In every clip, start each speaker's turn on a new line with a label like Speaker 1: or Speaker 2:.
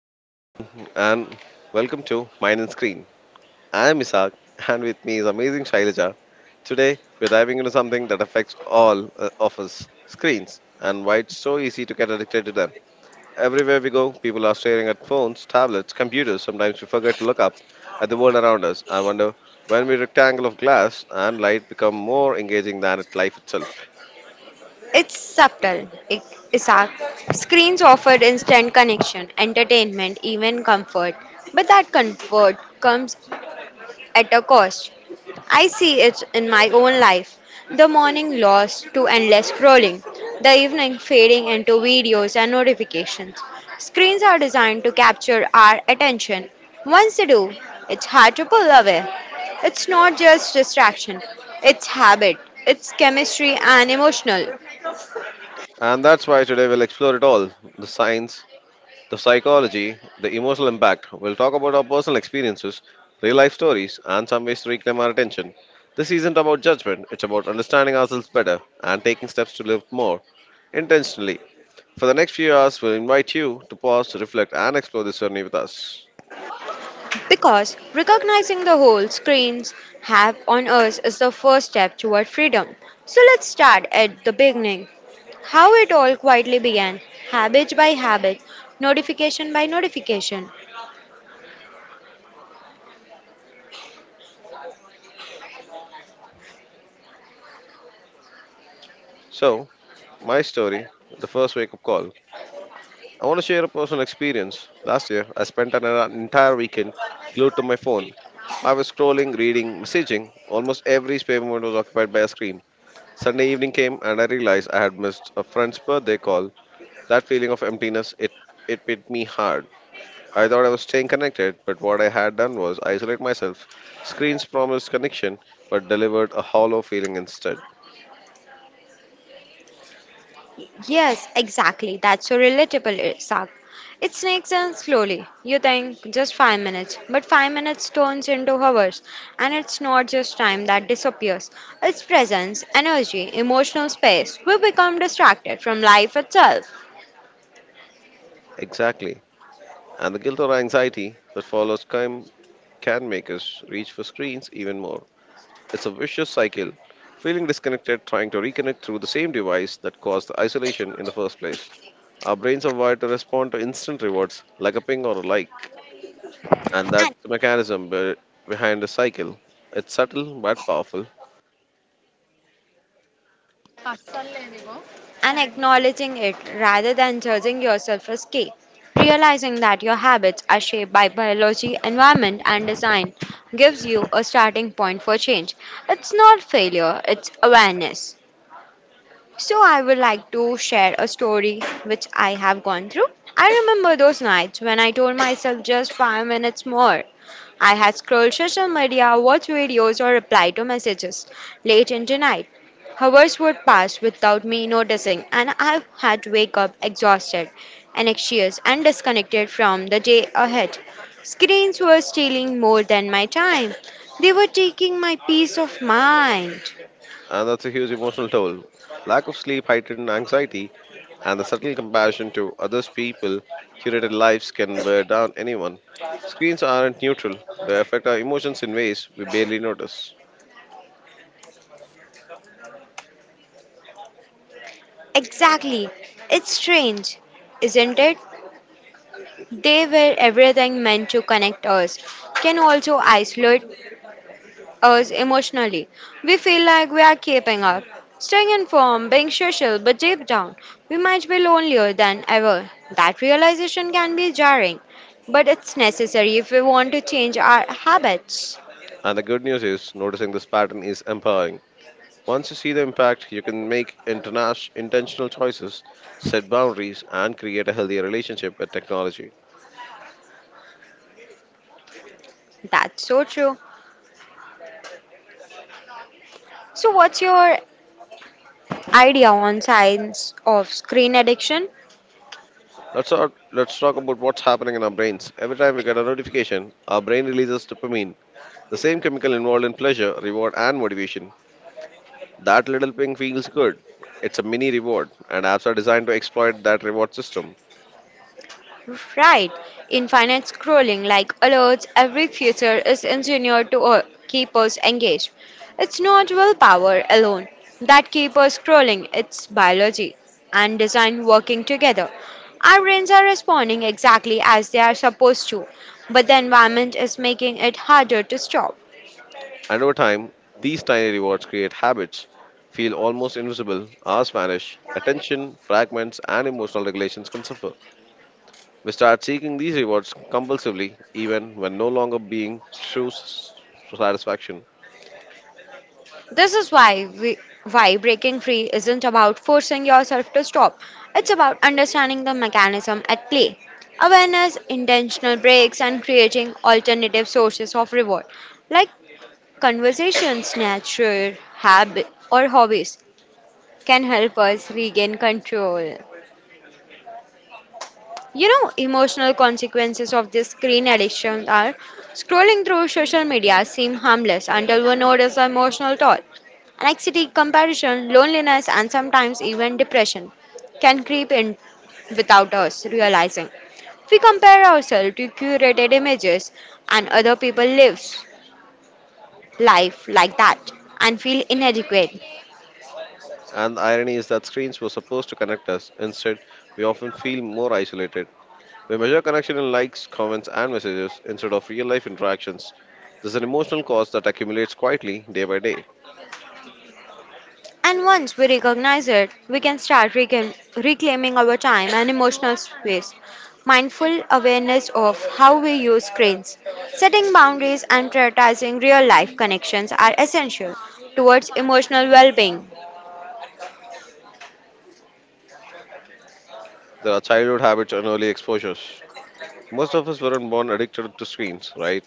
Speaker 1: Hello, everyone, and welcome to Mind and Screen. I am Isak, and with me is amazing Shailaja. Today, we're diving into something that affects all of us screens and why it's so easy to get addicted to them. Everywhere we go, people are staring at phones, tablets, computers. Sometimes we forget to look up at the world around us. I wonder when we rectangle of glass and light become more engaging than it life itself.
Speaker 2: It's subtle. Isaac. Screens offered instant connection, entertainment, even comfort. But that comfort comes at a cost. I see it in my own life. The morning lost to endless scrolling, the evening fading into videos and notifications. Screens are designed to capture our attention. Once they do, it's hard to pull away. It's not just distraction, it's habit, it's chemistry and emotional.
Speaker 1: And that's why today we'll explore it all the science, the psychology, the emotional impact. We'll talk about our personal experiences, real life stories, and some ways to reclaim our attention. This isn't about judgment, it's about understanding ourselves better and taking steps to live more intentionally. For the next few hours, we'll invite you to pause, reflect, and explore this journey with us.
Speaker 2: Because recognizing the whole screens have on us is the first step toward freedom. So let's start at the beginning. How it all quietly began, habit by habit, notification by notification.
Speaker 1: So, my story the first wake up call. I want to share a personal experience. Last year, I spent an entire weekend glued to my phone. I was scrolling, reading, messaging. Almost every spare moment was occupied by a screen. Sunday evening came and I realized I had missed a friend's birthday call. That feeling of emptiness, it hit me hard. I thought I was staying connected, but what I had done was isolate myself. Screens promised connection, but delivered a hollow feeling instead.
Speaker 2: Yes, exactly. That's so relatable, Sak. It sneaks in slowly. You think just 5 minutes, but 5 minutes turns into hours, and it's not just time that disappears. It's presence, energy, emotional space. We become distracted from life itself.
Speaker 1: Exactly. And the guilt or anxiety that follows came can make us reach for screens even more. It's a vicious cycle. Feeling disconnected, trying to reconnect through the same device that caused the isolation in the first place. Our brains are wired to respond to instant rewards, like a ping or a like, and that mechanism behind the cycle. It's subtle but powerful,
Speaker 2: And acknowledging it rather than judging yourself as key. Realizing that your habits are shaped by biology, environment, and design gives you a starting point for change. It's not failure, it's awareness. So, I would like to share a story which I have gone through. I remember those nights when I told myself just 5 minutes more. I had scrolled social media, watched videos, or replied to messages late into night. Hours would pass without me noticing, and I had to wake up exhausted, anxious, and disconnected from the day ahead. Screens were stealing more than my time. They were taking my peace of mind.
Speaker 1: and that's a huge emotional toll. Lack of sleep, heightened anxiety, and the subtle comparison to others people, curated lives can wear down anyone. Screens aren't neutral; they affect our emotions in ways we barely notice.
Speaker 2: Exactly. It's strange, isn't it? They were everything meant to connect us, can also isolate us emotionally. We feel like we are keeping up, staying informed, being social, but deep down, we might be lonelier than ever. That realization can be jarring, but it's necessary if we want to change our habits.
Speaker 1: And the good news is, noticing this pattern is empowering. Once you see the impact, you can make intentional choices, set boundaries, and create a healthier relationship with technology.
Speaker 2: That's so true. So, what's your idea on signs of screen addiction?
Speaker 1: Let's talk about what's happening in our brains. Every time we get a notification, our brain releases dopamine, the same chemical involved in pleasure, reward, and motivation. That little ping feels good. It's a mini reward, and apps are designed to exploit that reward system.
Speaker 2: Right. In finance scrolling like alerts, every feature is engineered to keep us engaged. It's not willpower alone that keep us scrolling, it's biology and design working together. Our brains are responding exactly as they are supposed to, but the environment is making it harder to stop.
Speaker 1: And over time, these tiny rewards create habits, feel almost invisible, hours vanish, attention, fragments, and emotional regulations can suffer. We start seeking these rewards compulsively, even when no longer being true satisfaction.
Speaker 2: This is why we, Why breaking free isn't about forcing yourself to stop. It's about understanding the mechanism at play. Awareness, intentional breaks, and creating alternative sources of reward, like conversations, nature, habit, or hobbies, can help us regain control. You know, emotional consequences of this screen addiction are scrolling through social media seem harmless until we notice the emotional toll. Anxiety, comparison, loneliness, and sometimes even depression can creep in without us realizing. We compare ourselves to curated images and other people lives life like that and feel inadequate.
Speaker 1: And the irony is that screens were supposed to connect us. Instead, we often feel more isolated. We measure connection in likes, comments, and messages instead of real life interactions. There's an emotional cost that accumulates quietly day by day.
Speaker 2: And once we recognize it, we can start reclaiming our time and emotional space. Mindful awareness of how we use screens, setting boundaries, and prioritizing real life connections are essential towards emotional well being.
Speaker 1: There are childhood habits and early exposures. Most of us weren't born addicted to screens, right?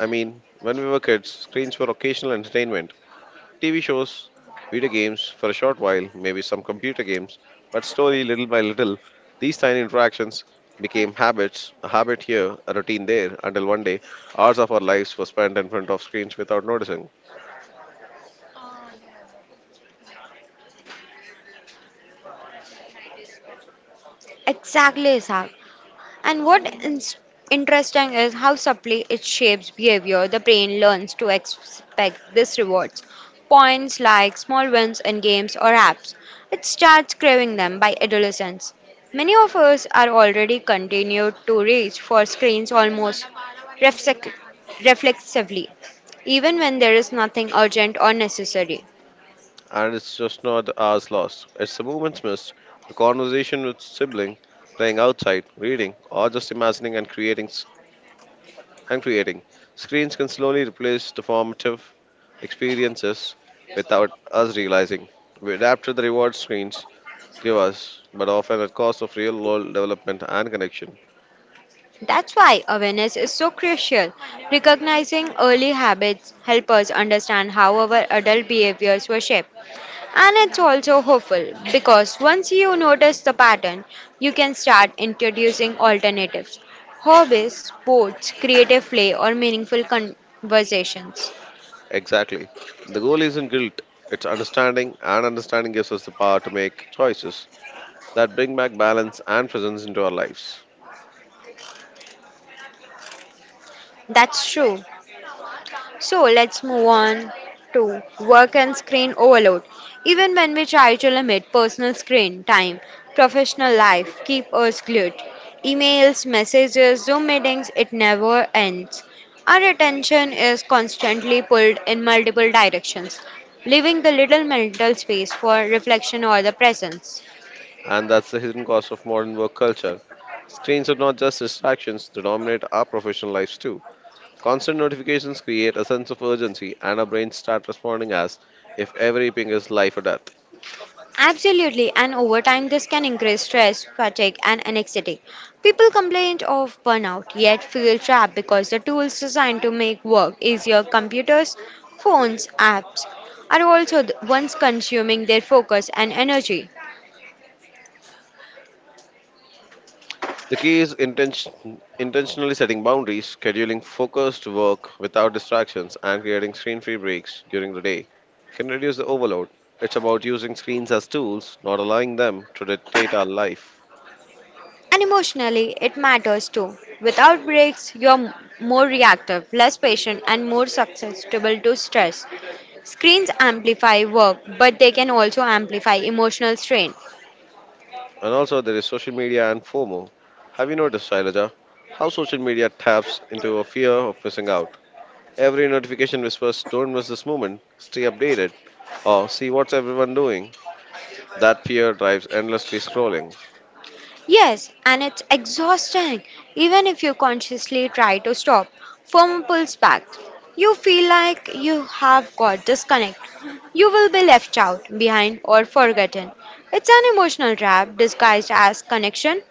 Speaker 1: I mean, when we were kids, screens were occasional entertainment TV shows, video games for a short while, maybe some computer games, but slowly, little by little, these tiny interactions became habits, a habit here, a routine there, until one day, hours of our lives were spent in front of screens without noticing.
Speaker 2: Exactly, Isaac. And what is interesting is how subtly it shapes behavior. The brain learns to expect these rewards, points, likes, small wins in games or apps. It starts craving them by adolescence. Many of us are already continued to reach for screens almost reflex- reflexively, even when there is nothing urgent or necessary.
Speaker 1: And it's just not the hours lost, it's the moments missed, the conversation with sibling, playing outside, reading, or just imagining and creating. Screens can slowly replace the formative experiences without us realizing. We adapt to the reward screens give us, but often at cost of real world development and connection.
Speaker 2: That's why awareness is so crucial. Recognizing early habits help us understand how our adult behaviors were shaped. And it's also hopeful because once you notice the pattern, you can start introducing alternatives. Hobbies, sports, creative play or meaningful conversations.
Speaker 1: Exactly. The goal isn't guilt, it's understanding, and understanding gives us the power to make choices that bring back balance and presence into our lives.
Speaker 2: That's true. So let's move on to work and screen overload. Even when we try to limit personal screen time, professional life keep us glued. Emails, messages, Zoom meetings, it never ends. Our attention is constantly pulled in multiple directions, leaving the little mental space for reflection or the presence.
Speaker 1: And that's the hidden cost of modern work culture. Screens are not just distractions, they dominate our professional lives too. Constant notifications create a sense of urgency, and our brains start responding as if every ping is life or death.
Speaker 2: Absolutely, and over time, this can increase stress, fatigue, and anxiety. People complain of burnout, yet feel trapped because the tools designed to make work easier, computers, phones, apps, are also the ones consuming their focus and energy.
Speaker 1: The key is intention, intentionally setting boundaries, scheduling focused work without distractions, and creating screen free breaks during the day can reduce the overload. It's about using screens as tools, not allowing them to dictate our life.
Speaker 2: And emotionally, it matters too. Without breaks, more reactive, less patient, and more susceptible to stress. Screens amplify work, but they can also amplify emotional strain.
Speaker 1: And also, there is social media and FOMO. Have you noticed, Shailaja, how social media taps into a fear of missing out? Every notification whispers, "Don't miss this moment, stay updated. Oh, see what's everyone doing." That fear drives endlessly scrolling,
Speaker 2: Yes, and it's exhausting. Even if you consciously try to stop, FOMO pulls back. You feel like you have got disconnect. You will be left out, behind, or forgotten. It's an emotional trap disguised as connection.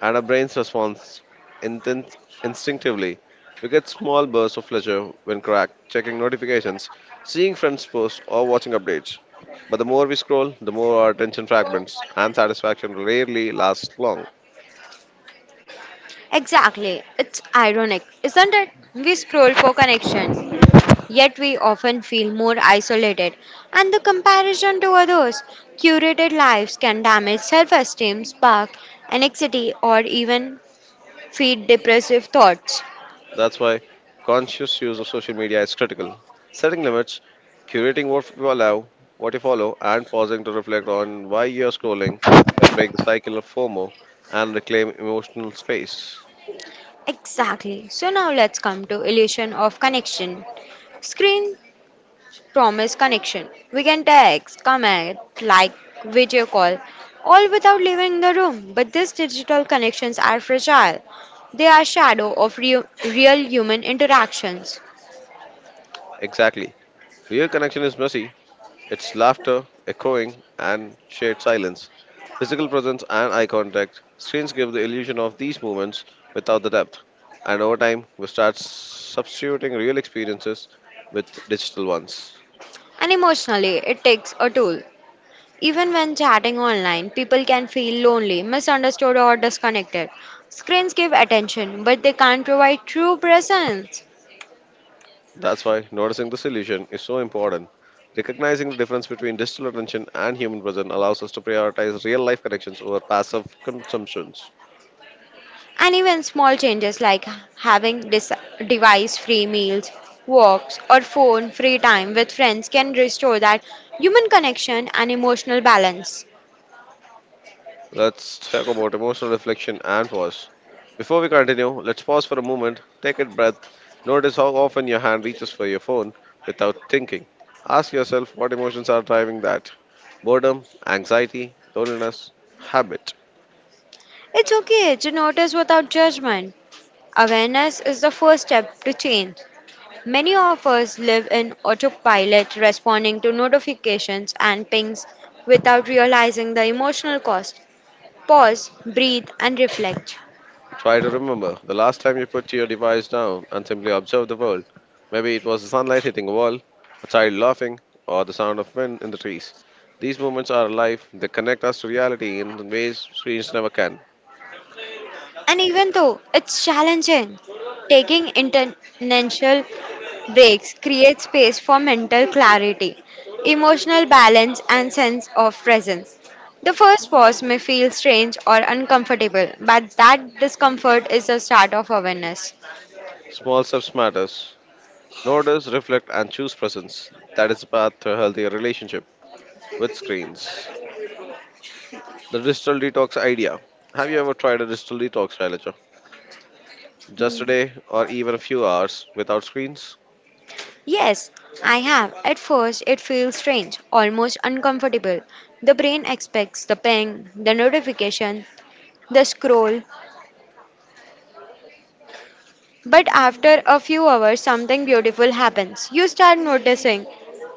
Speaker 1: and our brains responds intin- instinctively. We get small bursts of pleasure when cracked, checking notifications, seeing friends posts, or watching updates. But the more we scroll, the more our attention fragments, and satisfaction rarely lasts long.
Speaker 2: Exactly. It's ironic, isn't it? We scroll for connection, yet we often feel more isolated. And the comparison to others, curated lives can damage self esteem, spark anxiety, or even feed depressive thoughts.
Speaker 1: That's why conscious use of social media is critical. Setting limits, curating what you allow, what you follow, and pausing to reflect on why you're scrolling can break the cycle of FOMO and reclaim emotional space.
Speaker 2: Exactly. So now let's come to illusion of connection. Screen promise connection. We can text, comment, like, video call, all without leaving the room. But these digital connections are fragile. They are shadow of real human interactions.
Speaker 1: Exactly. Real connection is messy. It's laughter, echoing, and shared silence. Physical presence and eye contact. Screens give the illusion of these moments without the depth. And over time, we start substituting real experiences with digital ones.
Speaker 2: And emotionally, it takes a toll. Even when chatting online, people can feel lonely, misunderstood, or disconnected. Screens give attention, but they can't provide true presence.
Speaker 1: That's why noticing this illusion is so important. Recognizing the difference between digital attention and human presence allows us to prioritize real life connections over passive consumptions.
Speaker 2: And even small changes like having device free meals, walks, or phone free time with friends can restore that human connection and emotional balance.
Speaker 1: Let's talk about emotional reflection and pause. Before we continue, let's pause for a moment, take a breath, notice how often your hand reaches for your phone without thinking. Ask yourself what emotions are driving that boredom, anxiety, loneliness, habit.
Speaker 2: It's okay to notice without judgment. Awareness is the first step to change. Many of us live in autopilot, responding to notifications and pings without realizing the emotional cost. Pause, breathe, and reflect.
Speaker 1: Try to remember the last time you put your device down and simply observe the world. Maybe it was the sunlight hitting a wall, a child laughing, or the sound of wind in the trees. These moments are alive, they connect us to reality in ways screens never can.
Speaker 2: And even though it's challenging, taking intentional breaks creates space for mental clarity, emotional balance, and sense of presence. The first pause may feel strange or uncomfortable, but that discomfort is the start of awareness.
Speaker 1: Small steps matters. Notice, reflect, and choose presence. That is the path to a healthier relationship with screens. The digital detox idea. Have you ever tried a digital detox, Shailaja? Just a day or even a few hours without screens?
Speaker 2: Yes, I have. At first, it feels strange, almost uncomfortable. The brain expects the ping, the notification, the scroll. But after a few hours, something beautiful happens. You start noticing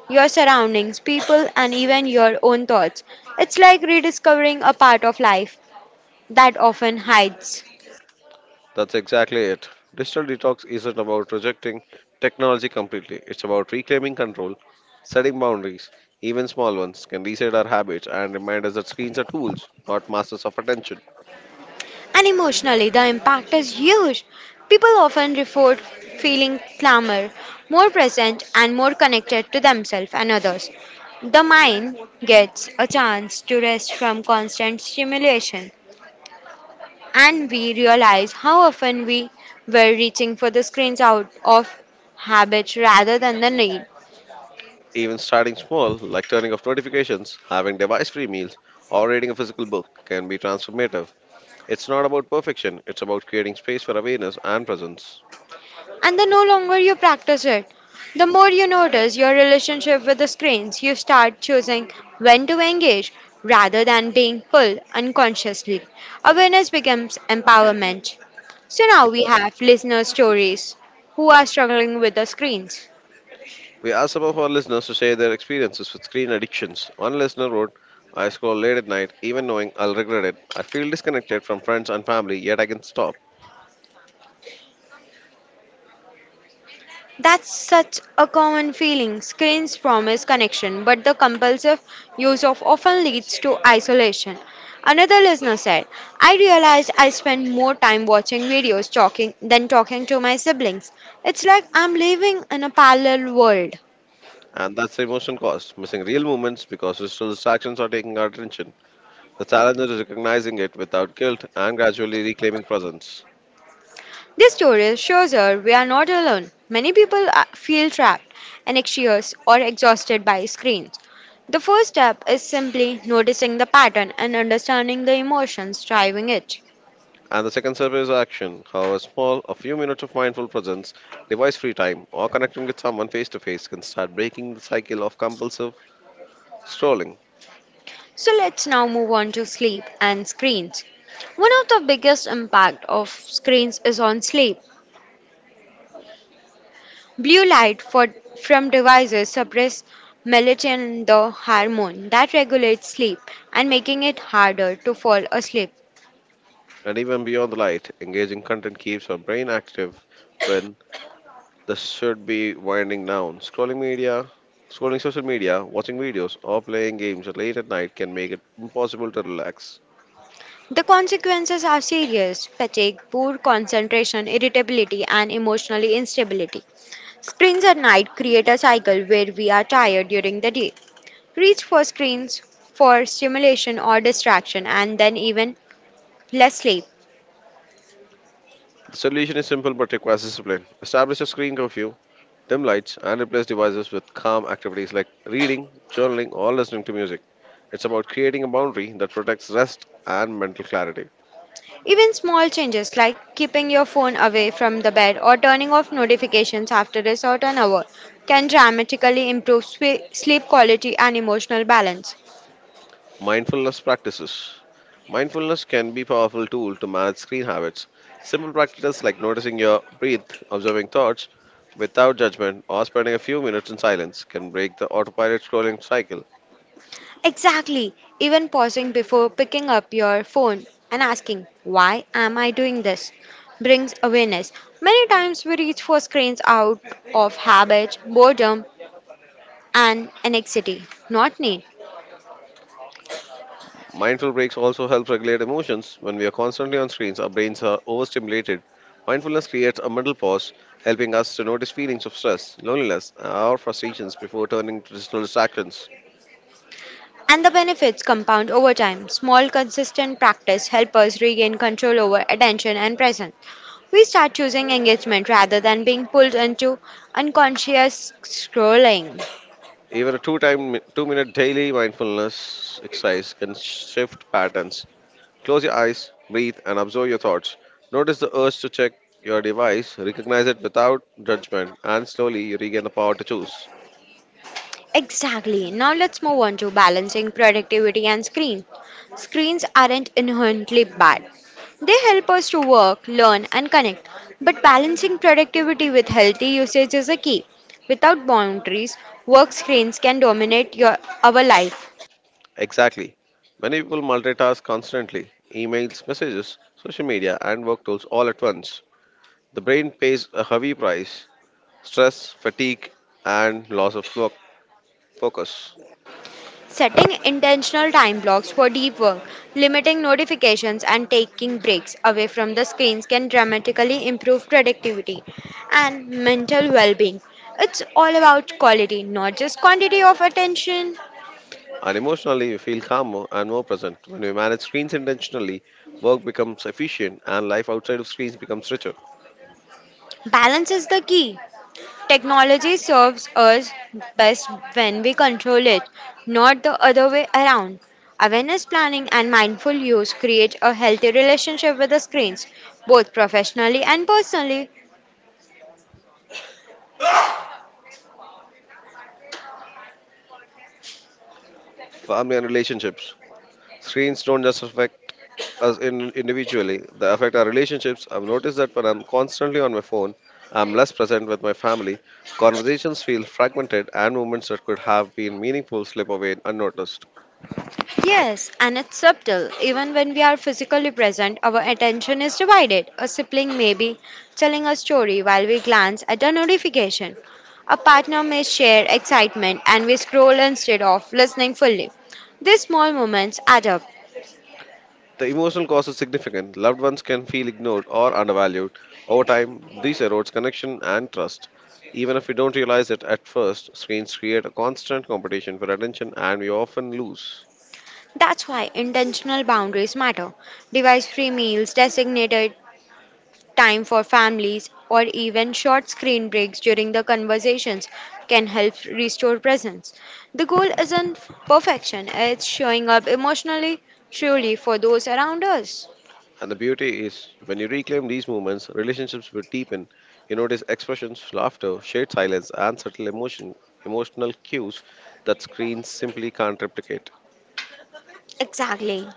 Speaker 2: your surroundings, people, and even your own thoughts. It's like rediscovering a part of life that often hides.
Speaker 1: That's exactly it. Digital detox isn't about rejecting technology completely, it's about reclaiming control, setting boundaries. Even small ones can reset our habits and remind us that screens are tools, not masters of attention.
Speaker 2: And emotionally, the impact is huge. People often report feeling calmer, more present, and more connected to themselves and others. The mind gets a chance to rest from constant stimulation. And we realize how often we were reaching for the screens out of habit rather than the need.
Speaker 1: Even starting small, like turning off notifications, having device free meals, or reading a physical book, can be transformative. It's not about perfection, it's about creating space for awareness and presence.
Speaker 2: And the no longer you practice it, the more you notice your relationship with the screens, you start choosing when to engage rather than being pulled unconsciously. Awareness becomes empowerment. So now we have listener stories who are struggling with the screens.
Speaker 1: We asked some of our listeners to share their experiences with screen addictions. One listener wrote, "I scroll late at night, even knowing I'll regret it. I feel disconnected from friends and family, yet I can stop."
Speaker 2: That's such a common feeling. Screens promise connection, but the compulsive use of often leads to isolation. Another listener said, I realized I spend more time watching videos talking than talking to my siblings. It's like I'm living in a parallel world.
Speaker 1: And that's the emotion cost, missing real moments because digital distractions are taking our attention. The challenge is recognizing it without guilt and gradually reclaiming presence.
Speaker 2: This story shows her we are not alone. Many people feel trapped, anxious, or exhausted by screens. The first step is simply noticing the pattern and understanding the emotions driving it.
Speaker 1: And the second step is action. However small, a few minutes of mindful presence, device free time, or connecting with someone face to face can start breaking the cycle of compulsive scrolling.
Speaker 2: So let's now move on to sleep and screens. One of the biggest impact of screens is on sleep. Blue light from devices suppress melatonin, the hormone that regulates sleep and making it harder to fall asleep.
Speaker 1: And even beyond the light, engaging content keeps our brain active when this should be winding down. Scrolling social media, watching videos, or playing games late at night can make it impossible to relax.
Speaker 2: The consequences are serious fatigue, poor concentration, irritability, and emotional instability. Screens at night create a cycle where we are tired during the day, reach for screens for stimulation or distraction, and then even less sleep.
Speaker 1: The solution is simple but requires discipline. Establish a screen curfew, dim lights, and replace devices with calm activities like reading, journaling, or listening to music. It's about creating a boundary that protects rest and mental clarity.
Speaker 2: Even small changes like keeping your phone away from the bed or turning off notifications after a certain hour can dramatically improve sleep quality and emotional balance.
Speaker 1: Mindfulness practices. Mindfulness can be a powerful tool to manage screen habits. Simple practices like noticing your breath, observing thoughts without judgment, or spending a few minutes in silence can break the autopilot scrolling cycle.
Speaker 2: Exactly, even pausing before picking up your phone and asking, why am I doing this? Brings awareness. Many times we reach for screens out of habit, boredom, and anxiety, not need.
Speaker 1: Mindful breaks also help regulate emotions. When we are constantly on screens, our brains are overstimulated. Mindfulness creates a mental pause, helping us to notice feelings of stress, loneliness, or frustrations before turning to digital distractions.
Speaker 2: And the benefits compound over time. Small, consistent practice helps us regain control over attention and presence. We start choosing engagement rather than being pulled into unconscious scrolling.
Speaker 1: Even a 2 minute daily mindfulness exercise can shift patterns. Close your eyes, breathe, and observe your thoughts. Notice the urge to check your device, recognize it without judgment, and slowly you regain the power to choose.
Speaker 2: Exactly. Now let's move on to balancing productivity and screen. Screens aren't inherently bad. They help us to work, learn, and connect. But balancing productivity with healthy usage is a key. Without boundaries, work screens can dominate our life.
Speaker 1: Exactly. Many people multitask constantly emails, messages, social media, and work tools all at once. The brain pays a heavy price stress, fatigue, and loss of focus.
Speaker 2: Setting intentional time blocks for deep work, limiting notifications, and taking breaks away from the screens can dramatically improve productivity and mental well being. It's all about quality, not just quantity of attention.
Speaker 1: And emotionally, we feel calmer and more present. When we manage screens intentionally, work becomes efficient and life outside of screens becomes richer.
Speaker 2: Balance is the key. Technology serves us best when we control it, not the other way around. Awareness planning and mindful use create a healthy relationship with the screens, both professionally and personally.
Speaker 1: Family and relationships. Screens don't just affect us in, individually, they affect our relationships. I've noticed that when I'm constantly on my phone, I'm less present with my family. Conversations feel fragmented, and moments that could have been meaningful slip away unnoticed.
Speaker 2: Yes, and it's subtle. Even when we are physically present, our attention is divided. A sibling may be telling a story while we glance at a notification. A partner may share excitement and we scroll instead of listening fully. These small moments add up.
Speaker 1: The emotional cost is significant. Loved ones can feel ignored or undervalued. Over time, this erodes connection and trust. Even if we don't realize it at first, screens create a constant competition for attention and we often lose.
Speaker 2: That's why intentional boundaries matter. Device free meals, designated time for families or even short screen breaks during the conversations can help restore presence. The goal isn't perfection, it's showing up emotionally truly for those around us.
Speaker 1: And the beauty is, when you reclaim these moments, relationships will deepen. You notice expressions, laughter, shared silence, and emotional cues that screens simply can't replicate.
Speaker 2: Exactly.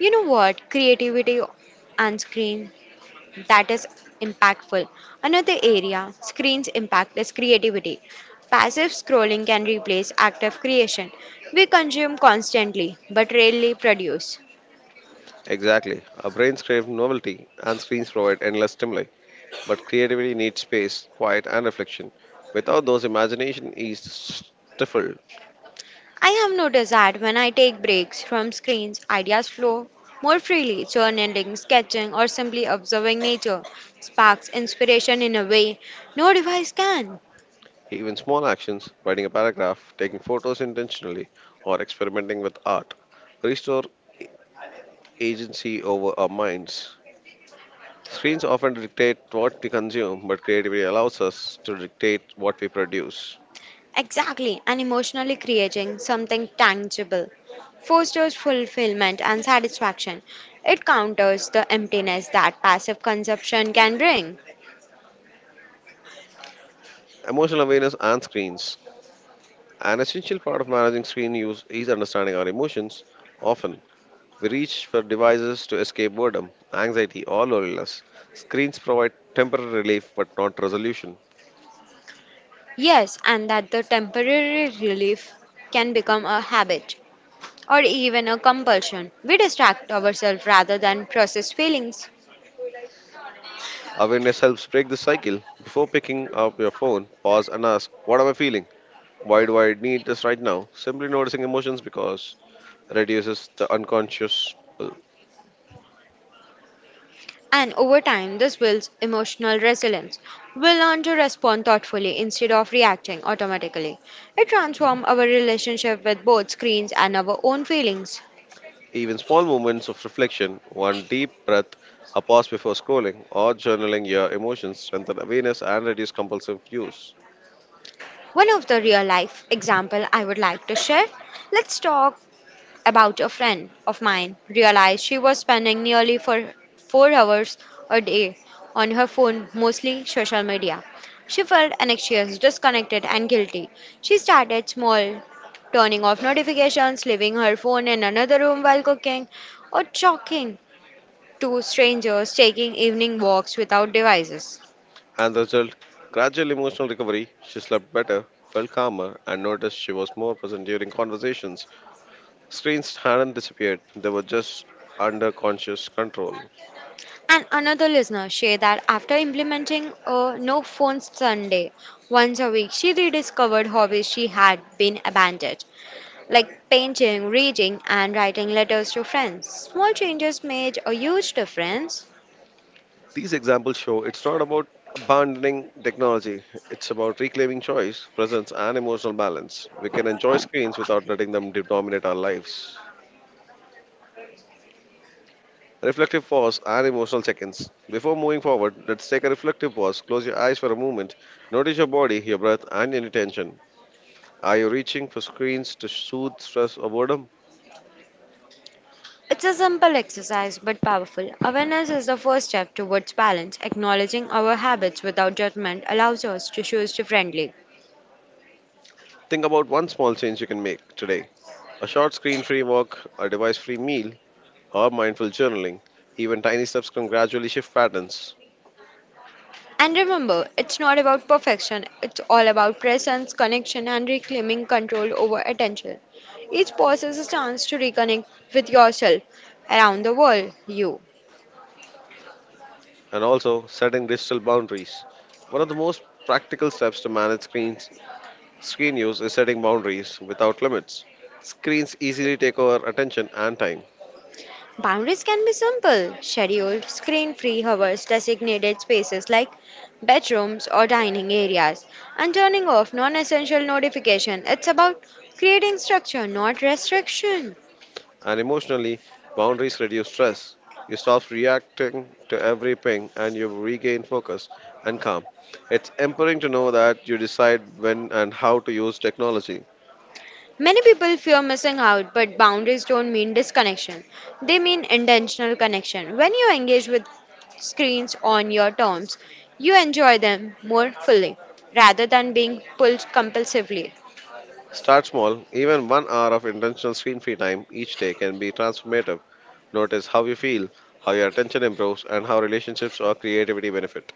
Speaker 2: You know what? Creativity on screen that is impactful. Another area screens impact is creativity. Passive scrolling can replace active creation. We consume constantly but rarely produce.
Speaker 1: Exactly. Our brains crave novelty, and screens provide endless stimuli. But creativity needs space, quiet, and reflection. Without those, imagination is stifled.
Speaker 2: I have noticed that when I take breaks from screens, ideas flow more freely. Journaling, sketching, or simply observing nature sparks inspiration in a way no device can.
Speaker 1: Even small actions, writing a paragraph, taking photos intentionally, or experimenting with art, restore agency over our minds. Screens often dictate what we consume, but creativity allows us to dictate what we produce.
Speaker 2: Exactly, and emotionally creating something tangible fosters fulfillment and satisfaction. It counters the emptiness that passive consumption can bring.
Speaker 1: Emotional awareness and screens. An essential part of managing screen use is understanding our emotions. Often, we reach for devices to escape boredom, anxiety, or loneliness. Screens provide temporary relief but not resolution.
Speaker 2: Yes, and that the temporary relief can become a habit, or even a compulsion. We distract ourselves rather than process feelings.
Speaker 1: Awareness helps break the cycle. Before picking up your phone, pause and ask, what am I feeling? Why do I need this right now? Simply noticing emotions because reduces the unconscious pull.
Speaker 2: And over time, this builds emotional resilience. We learn to respond thoughtfully instead of reacting automatically. It transforms our relationship with both screens and our own feelings.
Speaker 1: Even small moments of reflection, one deep breath, a pause before scrolling, or journaling your emotions strengthen awareness and reduce compulsive use.
Speaker 2: One of the real life example I would like to share. Let's talk about a friend of mine realized she was spending nearly for 4 hours a day on her phone, mostly social media. She felt anxious, disconnected, and guilty. She started small, turning off notifications, leaving her phone in another room while cooking, or talking to strangers, taking evening walks without devices.
Speaker 1: And the result, gradual emotional recovery. She slept better, felt calmer, and noticed she was more present during conversations. Screens hadn't disappeared, they were just under conscious control.
Speaker 2: And another listener shared that after implementing a no phone Sunday once a week, she rediscovered hobbies she had been abandoned, like painting, reading, and writing letters to friends. Small changes made a huge difference.
Speaker 1: These examples show it's not about abandoning technology, it's about reclaiming choice, presence, and emotional balance. We can enjoy screens without letting them dominate our lives. Reflective pause and emotional seconds. Before moving forward, let's take a reflective pause. Close your eyes for a moment. Notice your body, your breath, and any tension. Are you reaching for screens to soothe stress or boredom?
Speaker 2: It's a simple exercise but powerful. Awareness is the first step towards balance. Acknowledging our habits without judgment allows us to choose differently.
Speaker 1: Think about one small change you can make today, a short screen free walk, a device free meal, or mindful journaling. Even tiny steps can gradually shift patterns.
Speaker 2: And remember, it's not about perfection, it's all about presence, connection, and reclaiming control over attention. Each pause is a chance to reconnect with yourself around the world, you.
Speaker 1: And also, setting digital boundaries. One of the most practical steps to manage screen use is setting boundaries without limits. Screens easily take over attention and time.
Speaker 2: Boundaries can be simple scheduled, screen free hours, designated spaces like bedrooms or dining areas, and turning off non essential notification. It's about creating structure, not restriction.
Speaker 1: And emotionally, boundaries reduce stress. You stop reacting to every ping and you regain focus and calm. It's empowering to know that you decide when and how to use technology.
Speaker 2: Many people fear missing out, but boundaries don't mean disconnection. They mean intentional connection. When you engage with screens on your terms, you enjoy them more fully rather than being pulled compulsively.
Speaker 1: Start small, even 1 hour of intentional screen free time each day can be transformative. Notice how you feel, how your attention improves, and how relationships or creativity benefit.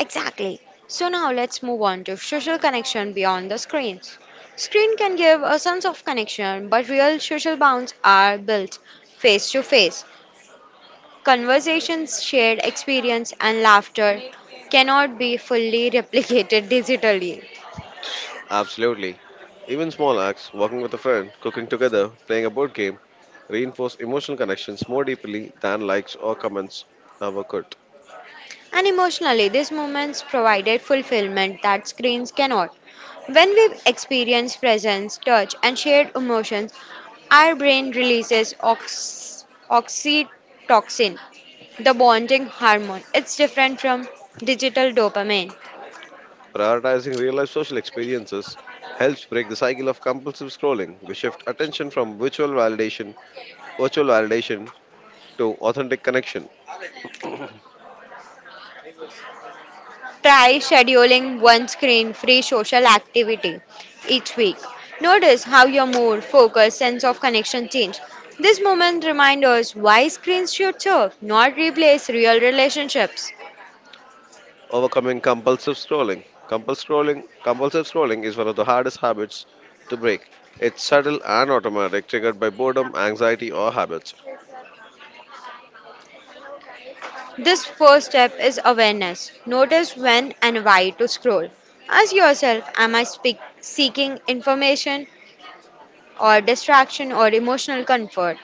Speaker 2: Exactly. So now let's move on to social connection beyond the screens. Screen can give a sense of connection, but real social bonds are built face to face. Conversations, shared experience, and laughter cannot be fully replicated digitally.
Speaker 1: Absolutely. Even small acts, walking with a friend, cooking together, playing a board game, reinforce emotional connections more deeply than likes or comments ever could.
Speaker 2: And emotionally, these moments provided fulfillment that screens cannot. When we experience presence, touch, and shared emotions, our brain releases oxytocin, the bonding hormone. It's different from digital dopamine.
Speaker 1: Prioritizing real life social experiences helps break the cycle of compulsive scrolling. We shift attention from virtual validation to authentic connection.
Speaker 2: Try scheduling one screen free social activity each week. Notice how your mood, focus, sense of connection change. This moment reminds us why screens should serve, not replace real relationships.
Speaker 1: Overcoming compulsive scrolling. Compulsive scrolling is one of the hardest habits to break. It's subtle and automatic, triggered by boredom, anxiety, or habits.
Speaker 2: This first step is awareness. Notice when and why to scroll. Ask yourself, am I seeking information or distraction or emotional comfort?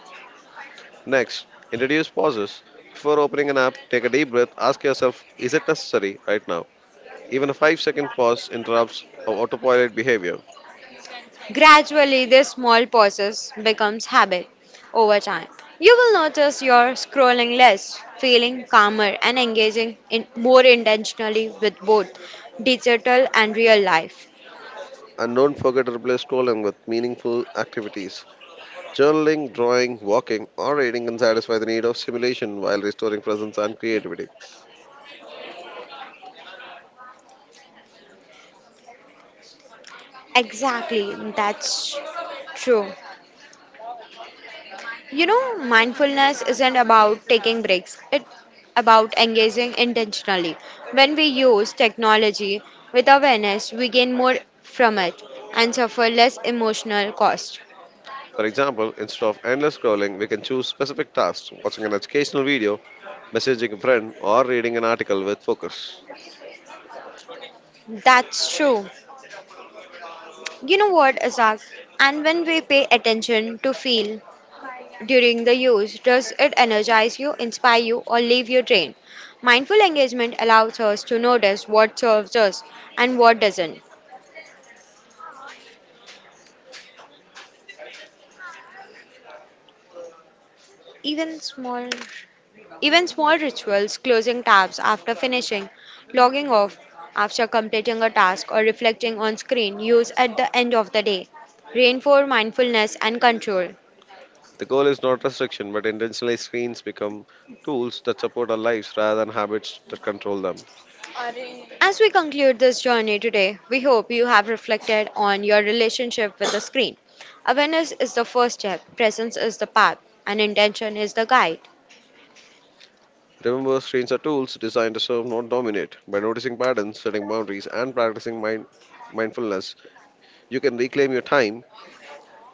Speaker 1: Next, introduce pauses. Before opening an app, take a deep breath. Ask yourself, is it necessary right now? Even a 5-second pause interrupts our autopilot behavior.
Speaker 2: Gradually, this small process becomes habit over time. You will notice you're scrolling less, feeling calmer, and engaging in more intentionally with both digital and real life.
Speaker 1: And don't forget to replace scrolling with meaningful activities. Journaling, drawing, walking, or reading can satisfy the need of stimulation while restoring presence and creativity.
Speaker 2: Exactly, that's true. You know, mindfulness isn't about taking breaks, it's about engaging intentionally. When we use technology with awareness, we gain more from it and suffer less emotional cost.
Speaker 1: For example, instead of endless scrolling, we can choose specific tasks, watching an educational video, messaging a friend, or reading an article with focus.
Speaker 2: That's true. You know what, Azak? And when we pay attention to feel during the use, does it energize you, inspire you, or leave you drained? Mindful engagement allows us to notice what serves us and what doesn't. Even small Even small rituals, closing tabs after finishing, logging off after completing a task, or reflecting on screen use at the end of the day, reinforce mindfulness and control.
Speaker 1: The goal is not restriction, but intentionally screens become tools that support our lives rather than habits that control them.
Speaker 2: As we conclude this journey today, we hope you have reflected on your relationship with the screen. Awareness is the first step, presence is the path, and intention is the guide.
Speaker 1: Remember, screens are tools designed to serve, not dominate. By noticing patterns, setting boundaries, and practicing mindfulness, you can reclaim your time,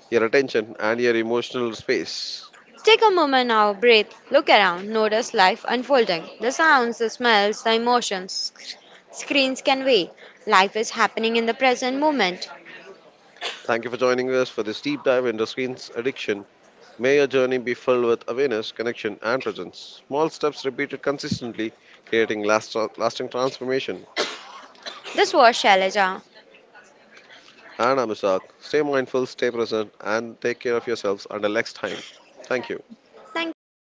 Speaker 1: your attention, and your emotional space.
Speaker 2: Take a moment now, breathe, look around, notice life unfolding the sounds, the smells, the emotions screens can wait. Life is happening in the present moment.
Speaker 1: Thank you for joining us for this deep dive into screens addiction. May your journey be filled with awareness, connection, and presence. Small steps repeated consistently, creating lasting transformation.
Speaker 2: This was Shailaja.
Speaker 1: And I'm Ishaq. Stay mindful, stay present, and take care of yourselves until next time. Thank you.
Speaker 2: Thank you.